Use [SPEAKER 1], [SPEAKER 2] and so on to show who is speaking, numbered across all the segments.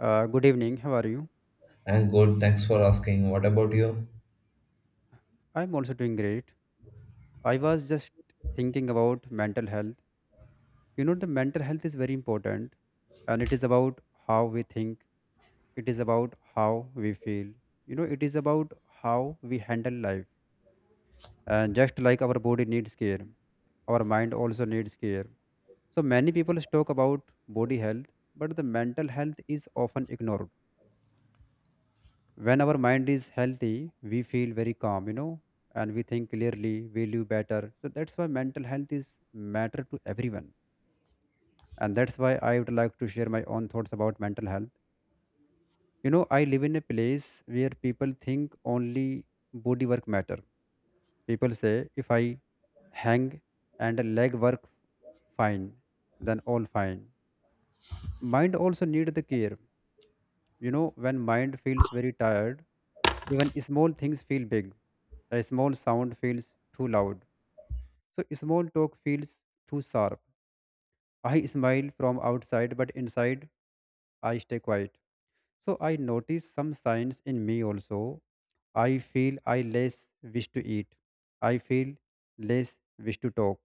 [SPEAKER 1] Good evening. How are you?
[SPEAKER 2] And good, thanks for asking. What about you?
[SPEAKER 1] I'm also doing great. I was just thinking about mental health. You know, the mental health is very important, and it is about how we think, it is about how we feel. You know, it is about how we handle life. And just like our body needs care, our mind also needs care. So many people talk about body health, but the mental health is often ignored. When our mind is healthy, we feel very calm, you know, and we think clearly, we live better. So that's why mental health is matter to everyone, and that's why I would like to share my own thoughts about mental health. You know, I live in a place where people think only body work matter. People say if I hang and leg work fine, then all fine. Mind also need the care. You know, when mind feels very tired, even small things feel big. A small sound feels too loud. So small talk feels too sharp. I smile from outside, but inside I stay quiet. So I notice some signs in me also. I feel I less wish to eat. I feel less wish to talk.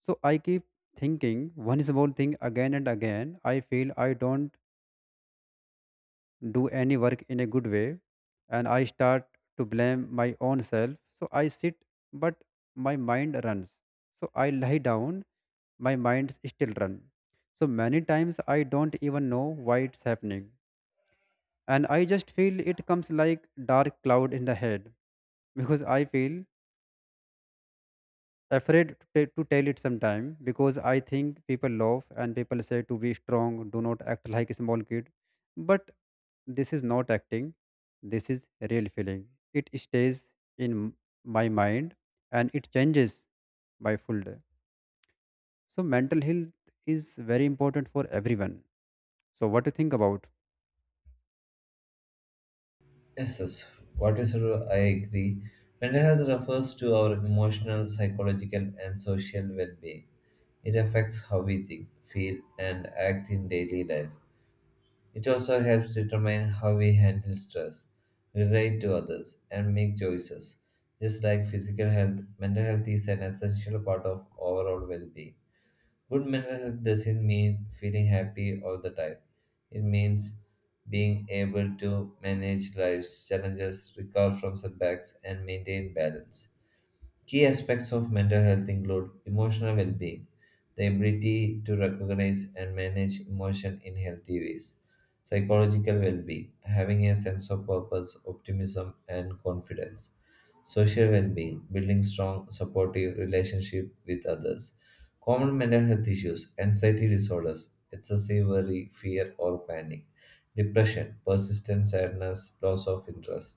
[SPEAKER 1] So I keep thinking one small thing again and again. I feel I don't do any work in a good way, and I start to blame my own self. So I sit, but my mind runs. So I lie down, my mind still run. So many times I don't even know why it's happening. And I just feel it comes like dark cloud in the head because I feel afraid to, to tell it sometime because I think people laugh and people say to be strong, do not act like a small kid. But this is not acting, this is real feeling. It stays in my mind and it changes my full day. So, mental health is very important for everyone. So, what do you think about?
[SPEAKER 2] Yes, yes. What is I agree. Mental health refers to our emotional, psychological, and social well-being. It affects how we think, feel, and act in daily life. It also helps determine how we handle stress, relate to others, and make choices. Just like physical health, mental health is an essential part of overall well-being. Good mental health doesn't mean feeling happy all the time. It means being able to manage life's challenges, recover from setbacks, and maintain balance. Key aspects of mental health include emotional well being, the ability to recognize and manage emotion in healthy ways, psychological well being, having a sense of purpose, optimism, and confidence. Social well-being, building strong, supportive relationship with others. Common mental health issues, anxiety disorders, excessive worry, fear or panic. Depression, persistent sadness, loss of interest.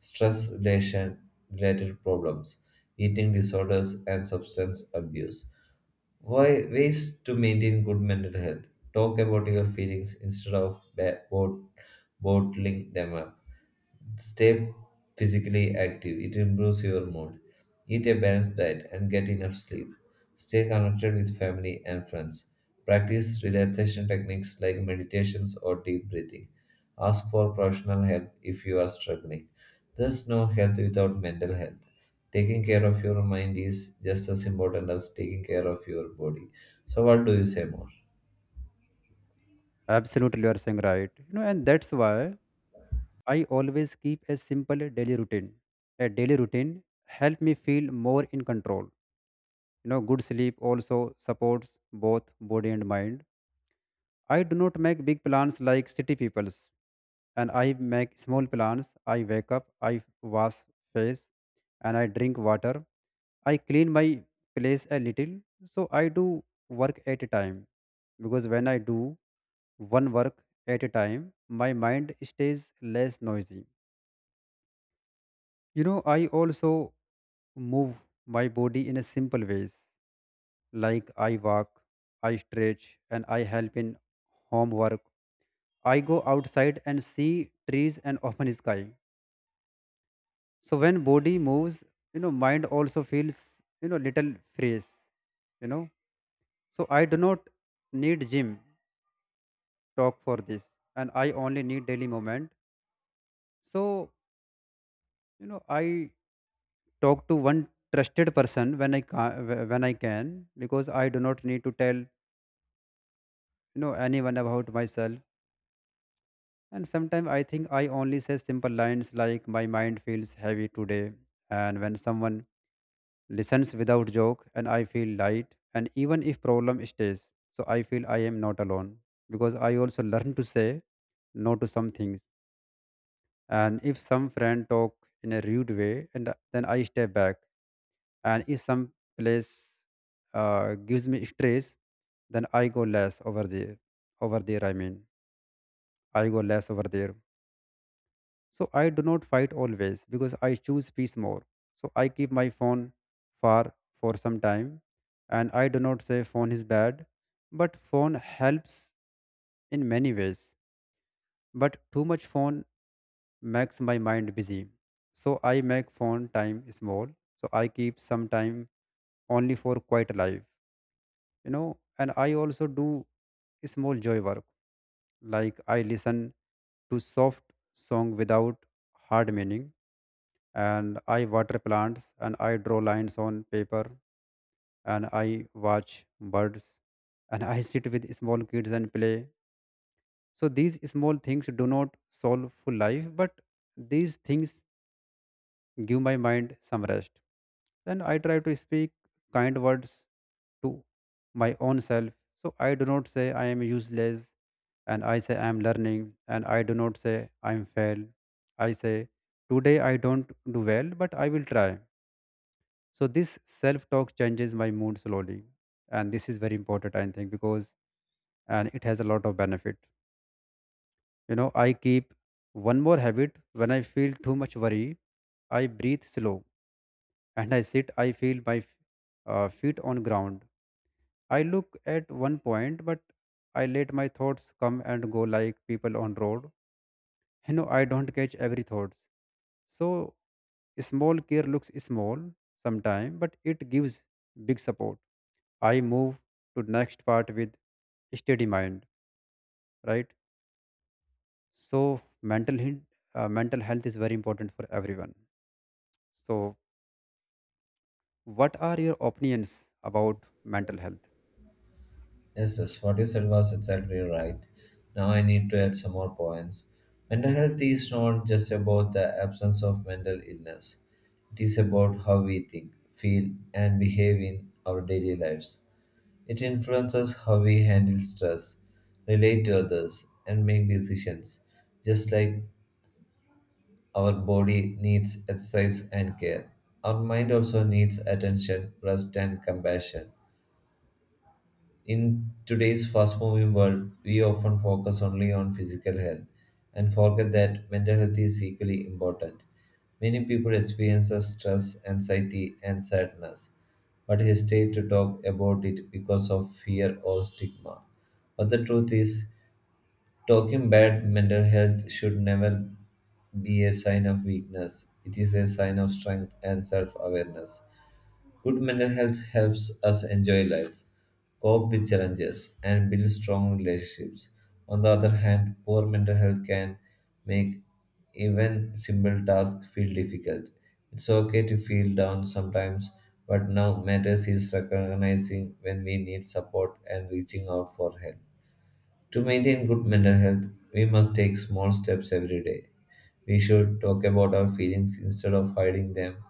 [SPEAKER 2] Stress relation related problems, eating disorders and substance abuse. Why ways to maintain good mental health? Talk about your feelings instead of bottling them up. Stay physically active, it improves your mood. Eat a balanced diet and get enough sleep. Stay connected with family and friends. Practice relaxation techniques like meditations or deep breathing. Ask for professional help if you are struggling. There's no health without mental health. Taking care of your mind is just as important as taking care of your body. So, what do you say more?
[SPEAKER 1] Absolutely, you are saying right. You know, and that's why I always keep a simple daily routine. A daily routine help me feel more in control. You know, good sleep also supports both body and mind. I do not make big plans like city peoples, and I make small plans. I wake up, I wash face, and I drink water. I clean my place a little. So I do work at a time, because when I do one work at a time, my mind stays less noisy. You know, I also move my body in a simple ways, like I walk, I stretch, and I help in homework. I go outside and see trees and open sky. So when body moves, you know, mind also feels, you know, little frees, you know. So I do not need gym talk for this, and I only need daily moment. So, you know, I talk to one trusted person when I can, when I can, because I do not need to tell you know anyone about myself. And sometimes I think I only say simple lines like my mind feels heavy today, and when someone listens without joke, and I feel light, and even if problem stays, so I feel I am not alone. Because I also learn to say no to some things, and if some friend talk in a rude way, and then I step back. And if some place gives me stress, then I go less over there. Over there I mean, I go less over there. So I do not fight always because I choose peace more. So I keep my phone far for some time, and I do not say phone is bad, but phone helps in many ways. But too much phone makes my mind busy. So I make phone time small. So I keep some time only for quiet life, you know, and I also do small joy work. Like I listen to soft song without hard meaning, and I water plants, and I draw lines on paper, and I watch birds, and I sit with small kids and play. So these small things do not solve full life, but these things give my mind some rest. Then I try to speak kind words to my own self. So I do not say I am useless, and I say I am learning, and I do not say I am failed. I say today I don't do well, but I will try. So this self talk changes my mood slowly, and this is very important, I think, because and it has a lot of benefit. You know, I keep one more habit when I feel too much worry. I breathe slow and I sit. I feel my feet on ground. I look at one point, but I let my thoughts come and go like people on road. You know, I don't catch every thoughts. So small care looks small sometime, but it gives big support. I move to next part with steady mind, right? So mental health is very important for everyone. So what are your opinions about mental health?
[SPEAKER 2] Yes, yes, what you said was exactly right. Now I need to add some more points. Mental health is not just about the absence of mental illness, it is about how we think, feel, and behave in our daily lives. It influences how we handle stress, relate to others, and make decisions. Just like our body needs exercise and care, our mind also needs attention, rest, and compassion. In today's fast moving world, we often focus only on physical health and forget that mental health is equally important. Many people experience stress, anxiety, and sadness, but hesitate to talk about it because of fear or stigma. But the truth is, talking bad mental health should never be a sign of weakness. It is a sign of strength and self awareness. Good mental health helps us enjoy life, cope with challenges, and build strong relationships. On the other hand, poor mental health can make even simple tasks feel difficult. It's okay to feel down sometimes, but now matters is recognizing when we need support and reaching out for help. To maintain good mental health, we must take small steps every day. We should talk about our feelings instead of hiding them.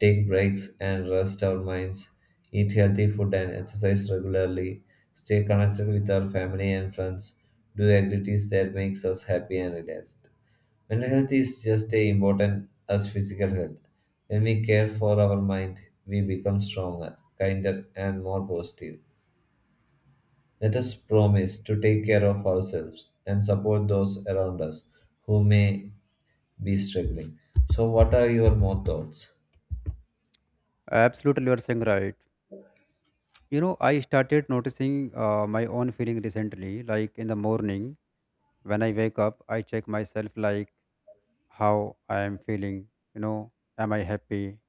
[SPEAKER 2] Take breaks and rest our minds. Eat healthy food and exercise regularly. Stay connected with our family and friends. Do activities that makes us happy and relaxed. Mental health is just as important as physical health. When we care for our mind, we become stronger, kinder, and more positive. Let us promise to take care of ourselves and support those around us who may be struggling. So, what are your more thoughts?
[SPEAKER 1] Absolutely, you are saying right. You know, I started noticing my own feeling recently. Like in the morning, when I wake up, I check myself, like how I am feeling. You know, am I happy?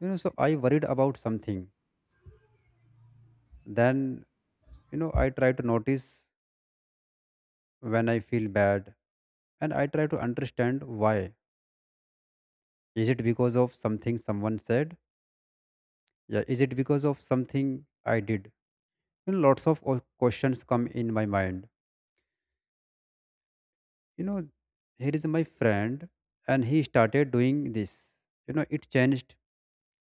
[SPEAKER 1] You know, so I worried about something. Then, you know, I try to notice when I feel bad, and I try to understand why. Is it because of something someone said? Yeah, is it because of something I did? You know, lots of questions come in my mind. You know, here is my friend, and he started doing this. You know, it changed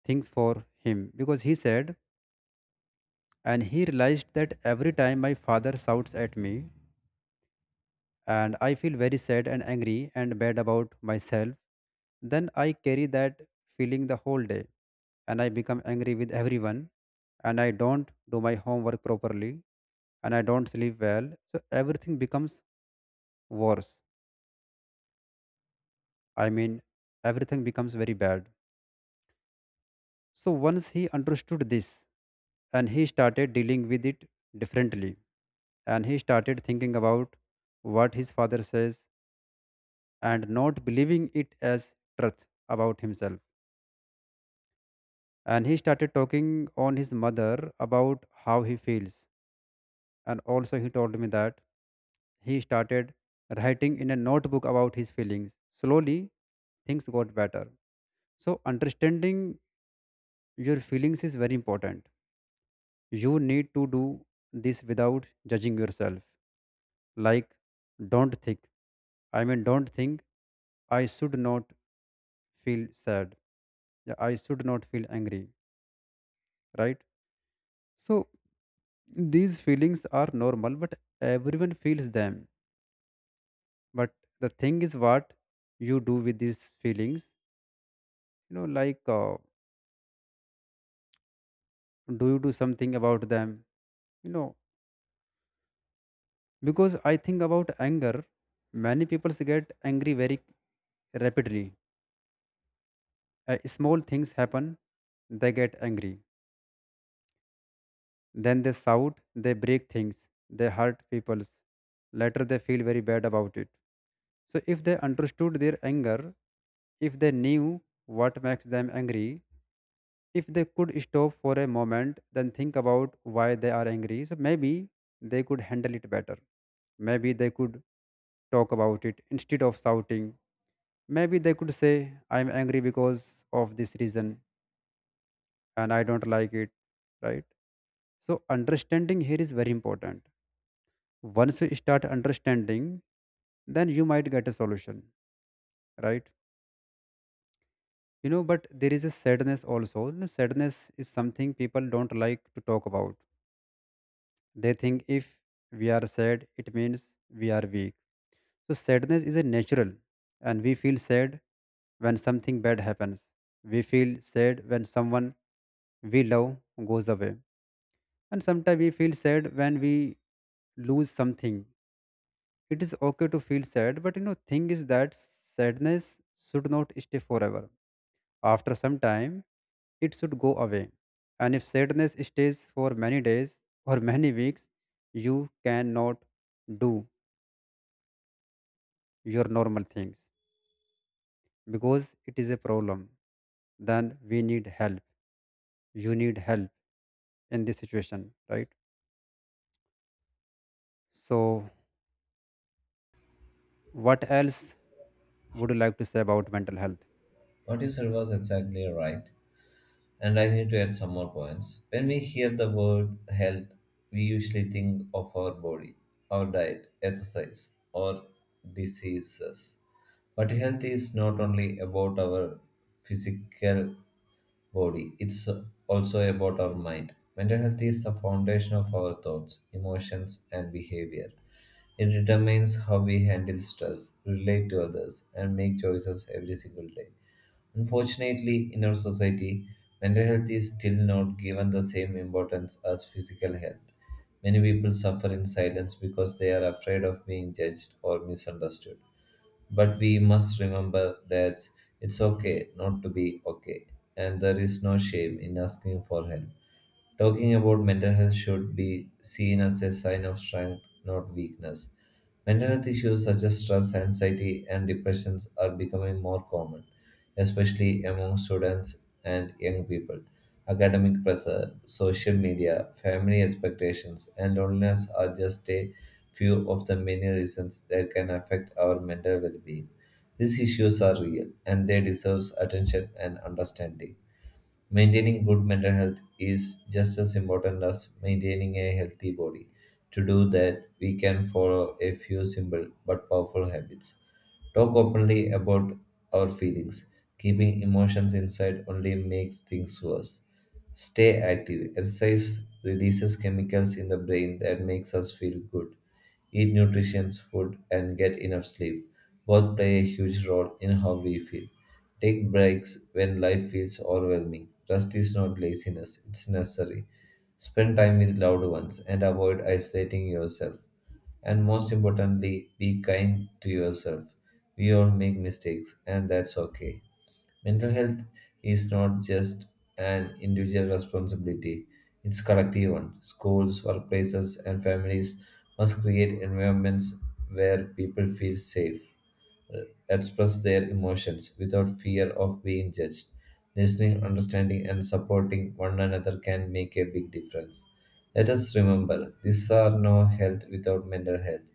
[SPEAKER 1] things for him because he said, and he realized that every time my father shouts at me, and I feel very sad and angry and bad about myself. Then I carry that feeling the whole day, and I become angry with everyone, and I don't do my homework properly, and I don't sleep well. So everything becomes worse. I mean, everything becomes very bad. So once he understood this, and he started dealing with it differently, and he started thinking about what his father says, and not believing it as truth about himself, and he started talking on his mother about how he feels. And also he told me that he started writing in a notebook about his feelings. Slowly things got better. So understanding your feelings is very important. You need to do this without judging yourself. Like, don't think, I mean, don't think I should not feel sad. Yeah, I should not feel angry, right? So these feelings are normal, but everyone feels them. But the thing is, what you do with these feelings, you know, like do you do something about them? You know, because I think about anger, many people get angry very rapidly. Small things happen, they get angry. Then they shout, they break things, they hurt people. Later, they feel very bad about it. So, if they understood their anger, if they knew what makes them angry, if they could stop for a moment, then think about why they are angry, so maybe they could handle it better. Maybe they could talk about it instead of shouting. Maybe they could say, I'm angry because of this reason and I don't like it, right? So, understanding here is very important. Once you start understanding, then you might get a solution, right? You know, but there is a sadness also. You know, sadness is something people don't like to talk about. They think if we are sad, it means we are weak. So sadness is a natural, and we feel sad when something bad happens. We feel sad when someone we love goes away, and sometimes we feel sad when we lose something. It is okay to feel sad, but you know, thing is that sadness should not stay forever. After some time, it should go away. And if sadness stays for many days or many weeks, you cannot do your normal things, because it is a problem. Then we need help. You need help in this situation, right? So, what else would you like to say about mental health?
[SPEAKER 2] What you said was exactly right. And I need to add some more points. When we hear the word health, we usually think of our body, our diet, exercise, or diseases. But health is not only about our physical body, it's also about our mind. Mental health is the foundation of our thoughts, emotions, and behavior. It determines how we handle stress, relate to others, and make choices every single day. Unfortunately, in our society, mental health is still not given the same importance as physical health. Many people suffer in silence because they are afraid of being judged or misunderstood. But we must remember that it's okay not to be okay, and there is no shame in asking for help. Talking about mental health should be seen as a sign of strength, not weakness. Mental health issues such as stress, anxiety, and depressions are becoming more common, especially among students and young people. Academic pressure, social media, family expectations, and loneliness are just a few of the many reasons that can affect our mental well being. These issues are real and they deserve attention and understanding. Maintaining good mental health is just as important as maintaining a healthy body. To do that, we can follow a few simple but powerful habits. Talk openly about our feelings. Keeping emotions inside only makes things worse. Stay active. Exercise releases chemicals in the brain that makes us feel good, eat nutritious food, and get enough sleep both play a huge role in how we feel. Take breaks when life feels overwhelming. Rest is not laziness, it's necessary. Spend time with loved ones and avoid isolating yourself. And most importantly, be kind to yourself. We all make mistakes, and that's okay. Mental health is not just an individual responsibility, it's collective one. Schools, workplaces, and families must create environments where people feel safe, uh, express their emotions without fear of being judged. Listening, understanding, and supporting one another can make a big difference. Let us remember these are no health without mental health.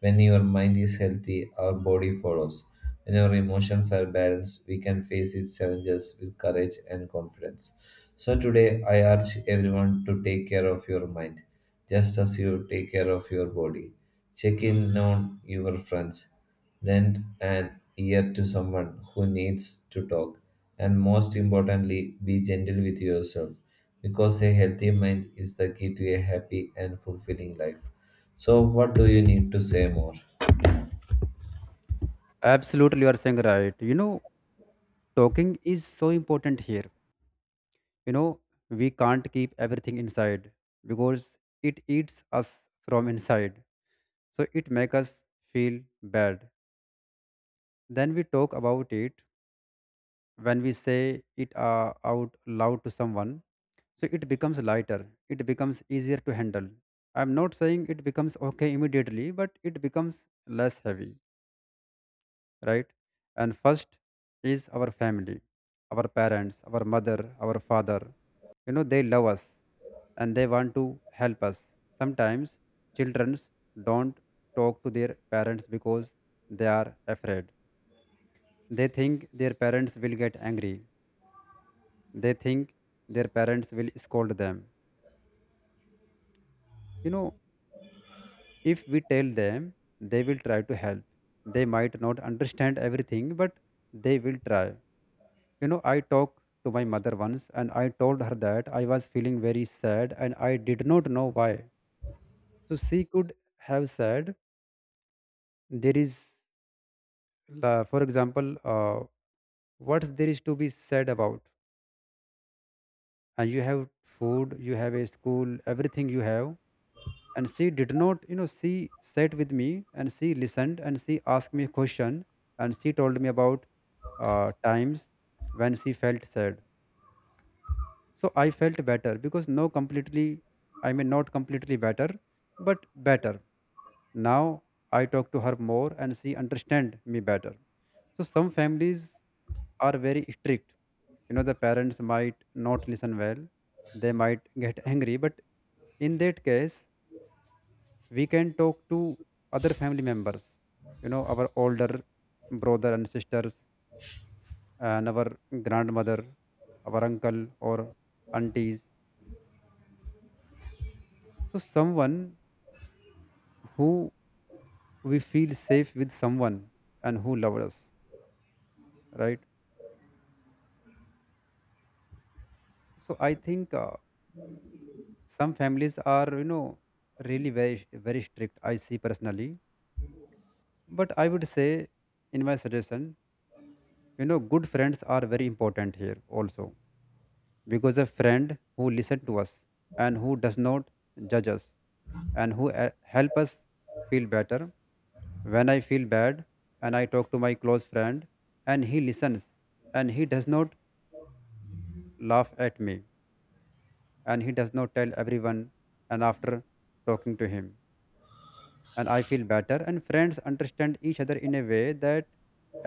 [SPEAKER 2] When your mind is healthy, our body follows. When our emotions are balanced, we can face its challenges with courage and confidence. So today, I urge everyone to take care of your mind, just as you take care of your body. Check in on your friends, lend an ear to someone who needs to talk, and most importantly, be gentle with yourself, because a healthy mind is the key to a happy and fulfilling life. So, what do you need to say more?
[SPEAKER 1] Absolutely, you are saying right. You know, talking is so important here. You know, we can't keep everything inside because it eats us from inside, so it makes us feel bad. Then we talk about it, when we say it out loud to someone, so it becomes lighter, it becomes easier to handle. I'm not saying it becomes okay immediately, but it becomes less heavy, right? And first is our family, our parents, our mother, our father. You know, they love us, and they want to help us. Sometimes children don't talk to their parents because they are afraid. They think their parents will get angry. They think their parents will scold them. You know, if we tell them, they will try to help. They might not understand everything, but they will try. You know, I talked to my mother once and I told her that I was feeling very sad and I did not know why. So she could have said, there is, for example, what there is to be said about? And you have food, you have a school, everything you have, and she did not, she sat with me and she listened and she asked me a question and she told me about times when she felt sad. So I felt better because now completely, I mean, not completely better, but better now. I talk to her more and she understand me better. So some families are very strict. You know, the parents might not listen well, they might get angry, but in that case we can talk to other family members. You know, our older brother and sisters and our grandmother, our uncle or aunties. So someone who we feel safe with, someone and who loves us, right? So I think some families are, you know, really very strict I see personally, but I would say, in my suggestion, you know, good friends are very important here also, because a friend who listens to us and who does not judge us and who help us feel better. When I feel bad and I talk to my close friend, and he listens and he does not laugh at me and he does not tell everyone, and after talking to him, and I feel better. And friends understand each other in a way that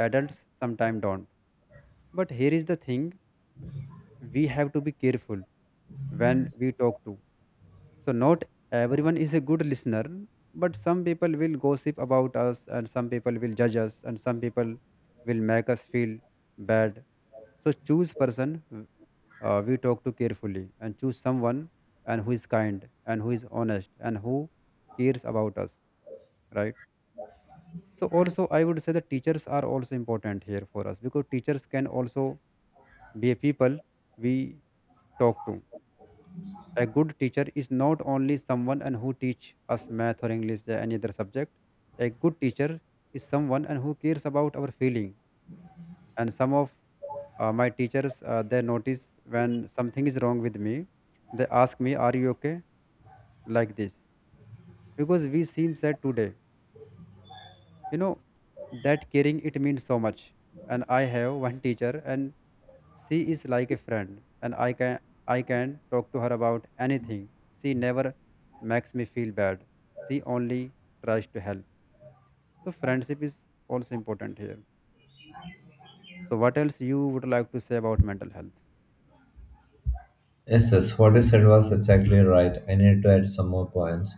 [SPEAKER 1] adults sometimes don't. But here is the thing, we have to be careful when we talk to. So not everyone is a good listener, but some people will gossip about us and some people will judge us and some people will make us feel bad. So choose person we talk to carefully, and choose someone and who is kind and who is honest and who cares about us, right? So also I would say that teachers are also important here for us, because teachers can also be a people we talk to. A good teacher is not only someone and who teach us math or English or any other subject. A good teacher is someone and who cares about our feeling. And some of my teachers, they notice when something is wrong with me. They ask me, are you okay, like this, because we seem sad today. You know, that caring, it means so much. And I have one teacher, and she is like a friend and I can, I can talk to her about anything. She never makes me feel bad. She only tries to help. So friendship is also important here. So what else you would like to say about mental health?
[SPEAKER 2] Yes, yes, what you said was exactly right. I need to add some more points.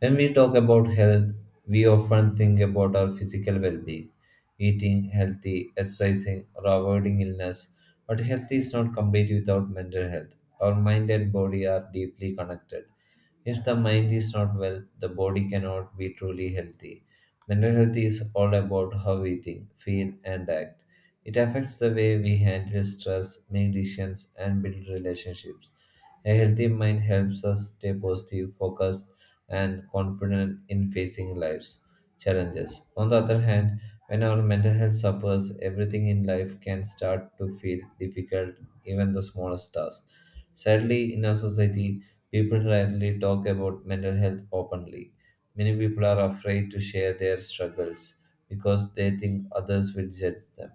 [SPEAKER 2] When we talk about health, we often think about our physical well being, eating healthy, exercising, or avoiding illness. But health is not complete without mental health. Our mind and body are deeply connected. If the mind is not well, the body cannot be truly healthy. Mental health is all about how we think, feel, and act. It affects the way we handle stress, make decisions, and build relationships. A healthy mind helps us stay positive, focused, and confident in facing life's challenges. On the other hand, when our mental health suffers, everything in life can start to feel difficult, even the smallest tasks. Sadly, in our society, people rarely talk about mental health openly. Many people are afraid to share their struggles because they think others will judge them.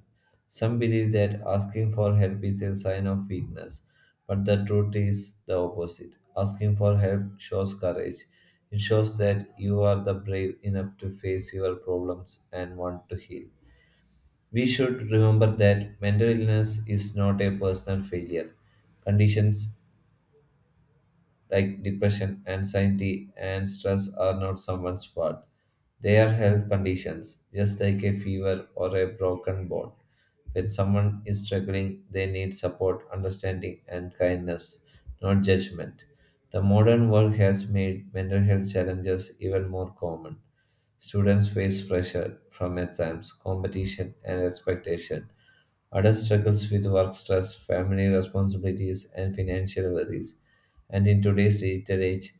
[SPEAKER 2] Some believe that asking for help is a sign of weakness, but the truth is the opposite. Asking for help shows courage. It shows that you are the brave enough to face your problems and want to heal. We should remember that mental illness is not a personal failure. Conditions like depression, anxiety, and stress are not someone's fault. They are health conditions, just like a fever or a broken bone. When someone is struggling, they need support, understanding, and kindness, not judgment. The modern world has made mental health challenges even more common. Students face pressure from exams, competition, and expectation. Adults struggles with work stress, family responsibilities, and financial worries. And in today's digital age,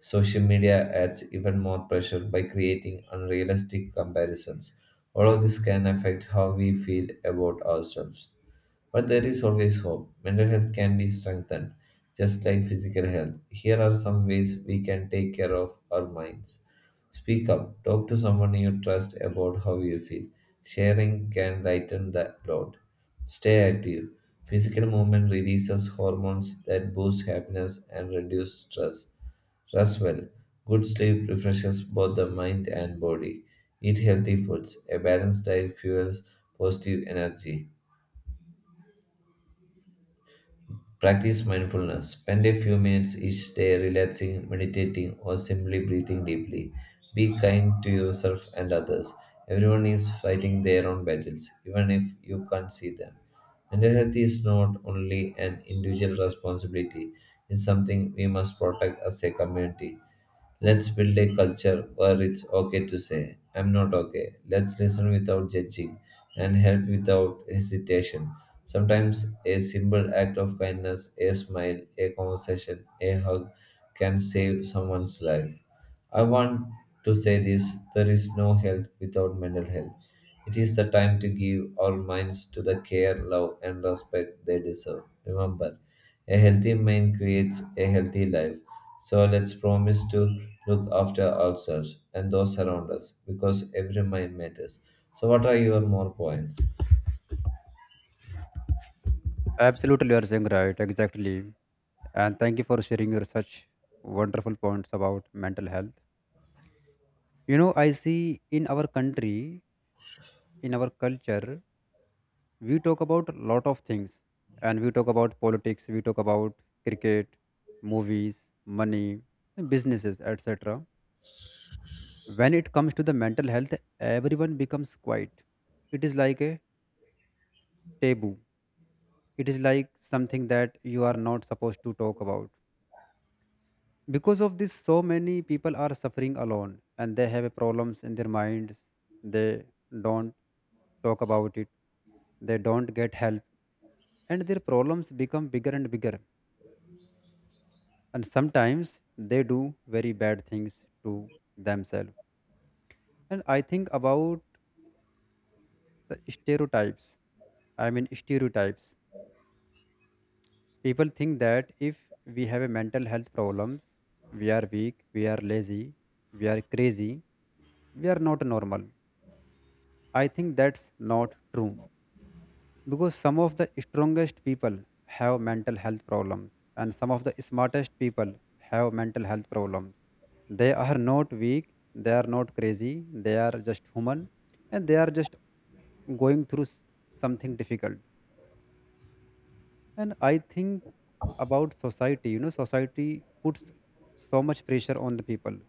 [SPEAKER 2] social media adds even more pressure by creating unrealistic comparisons. All of this can affect how we feel about ourselves. But there is always hope. Mental health can be strengthened, just like physical health. Here are some ways we can take care of our minds. Speak up. Talk to someone you trust about how you feel. Sharing can lighten the load. Stay active. Physical movement releases hormones that boost happiness and reduce stress. Rest well. Good sleep refreshes both the mind and body. Eat healthy foods. A balanced diet fuels positive energy. Practice mindfulness. Spend a few minutes each day relaxing, meditating, or simply breathing deeply. Be kind to yourself and others. Everyone is fighting their own battles, even if you can't see them. Mental health is not only an individual responsibility, it's something we must protect as a community. Let's build a culture where it's okay to say, I'm not okay. Let's listen without judging and help without hesitation. Sometimes a simple act of kindness, a smile, a conversation, a hug can save someone's life. I want to say this, there is no health without mental health. It is the time to give our minds to the care, love, and respect they deserve. Remember, a healthy mind creates a healthy life. So let's promise to look after ourselves and those around us because every mind matters. So, what are your more points?
[SPEAKER 1] Absolutely you are saying right, exactly. And thank you for sharing your such wonderful points about mental health. You know, I see in our country, in our culture, we talk about lot of things, and we talk about politics, we talk about cricket, movies, money, businesses, etc. When it comes to the mental health, everyone becomes quiet. It is like a taboo. It is like something that you are not supposed to talk about. Because of this, so many people are suffering alone and they have problems in their minds. They don't talk about it, they don't get help, and their problems become bigger and bigger, and sometimes they do very bad things to themselves. And I think about the stereotypes. Stereotypes. People think that if we have a mental health problems, we are weak, we are lazy, we are crazy, we are not normal. I think that's not true, because some of the strongest people have mental health problems and some of the smartest people have mental health problems. They are not weak, they are not crazy, they are just human, and they are just going through something difficult. And I think about society. You know, society puts so much pressure on the people,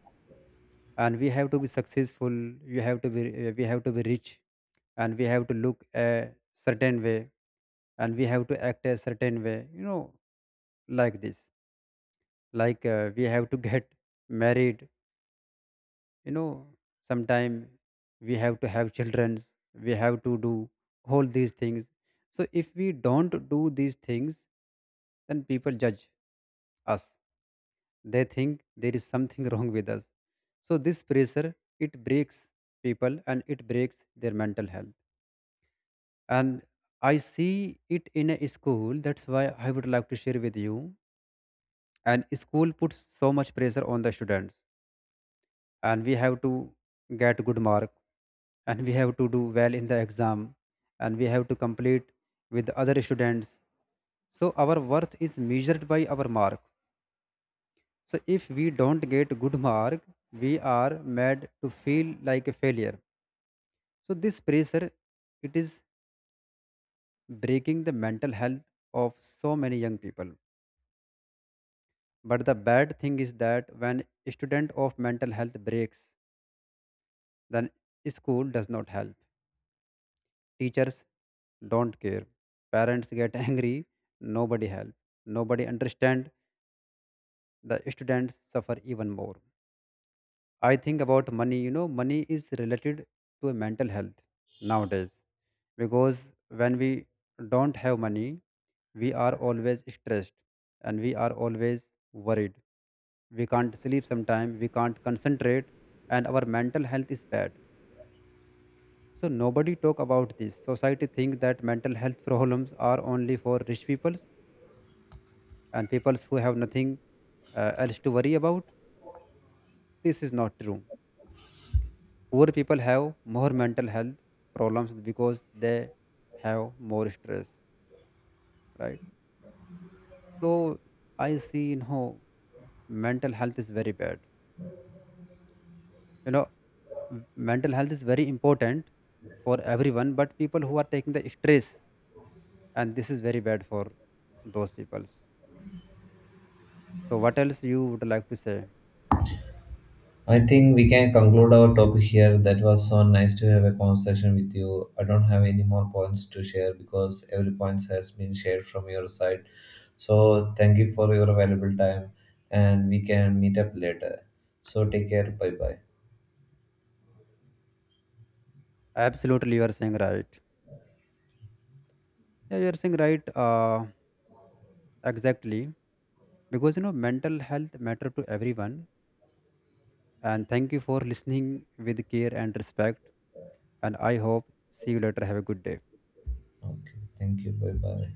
[SPEAKER 1] and we have to be successful, you have to be we have to be rich, and we have to look a certain way, and we have to act a certain way, you know, like this, like we have to get married, you know, sometime we have to have children, we have to do all these things. So if we don't do these things, then people judge us, they think there is something wrong with us. So this pressure, it breaks people and it breaks their mental health. And I see it in a school, that's why I would like to share with you. And school puts so much pressure on the students, and we have to get good mark, and we have to do well in the exam, and we have to complete with the other students. So our worth is measured by our mark. So if we don't get good mark, we are made to feel like a failure. So this pressure, it is breaking the mental health of so many young people. But the bad thing is that when a student of mental health breaks, then school does not help. Teachers don't care. Parents get angry. Nobody help. Nobody understand. The students suffer even more. I think about money. You know, money is related to a mental health nowadays, because when we don't have money, we are always stressed and we are always worried. We can't sleep sometime. We can't concentrate, and our mental health is bad. So nobody talk about this. Society think that mental health problems are only for rich peoples and peoples who have nothing else to worry about. This is not true. Poor people have more mental health problems because they have more stress, right? So I see, you know, mental health is very bad. You know, mental health is very important for everyone, but people who are taking the stress, and this is very bad for those people. So what else you would like to say?
[SPEAKER 2] I think we can conclude our topic here. That was so nice to have a conversation with you. I don't have any more points to share because every point has been shared from your side. So, thank you for your valuable time and we can meet up later. So, take care. Bye bye.
[SPEAKER 1] Absolutely, you are saying right. Yeah, you are saying right. Exactly, because you know mental health matter to everyone. And thank you for listening with care and respect. And I hope see you later. Have a good day.
[SPEAKER 2] Okay. Thank you. Bye bye.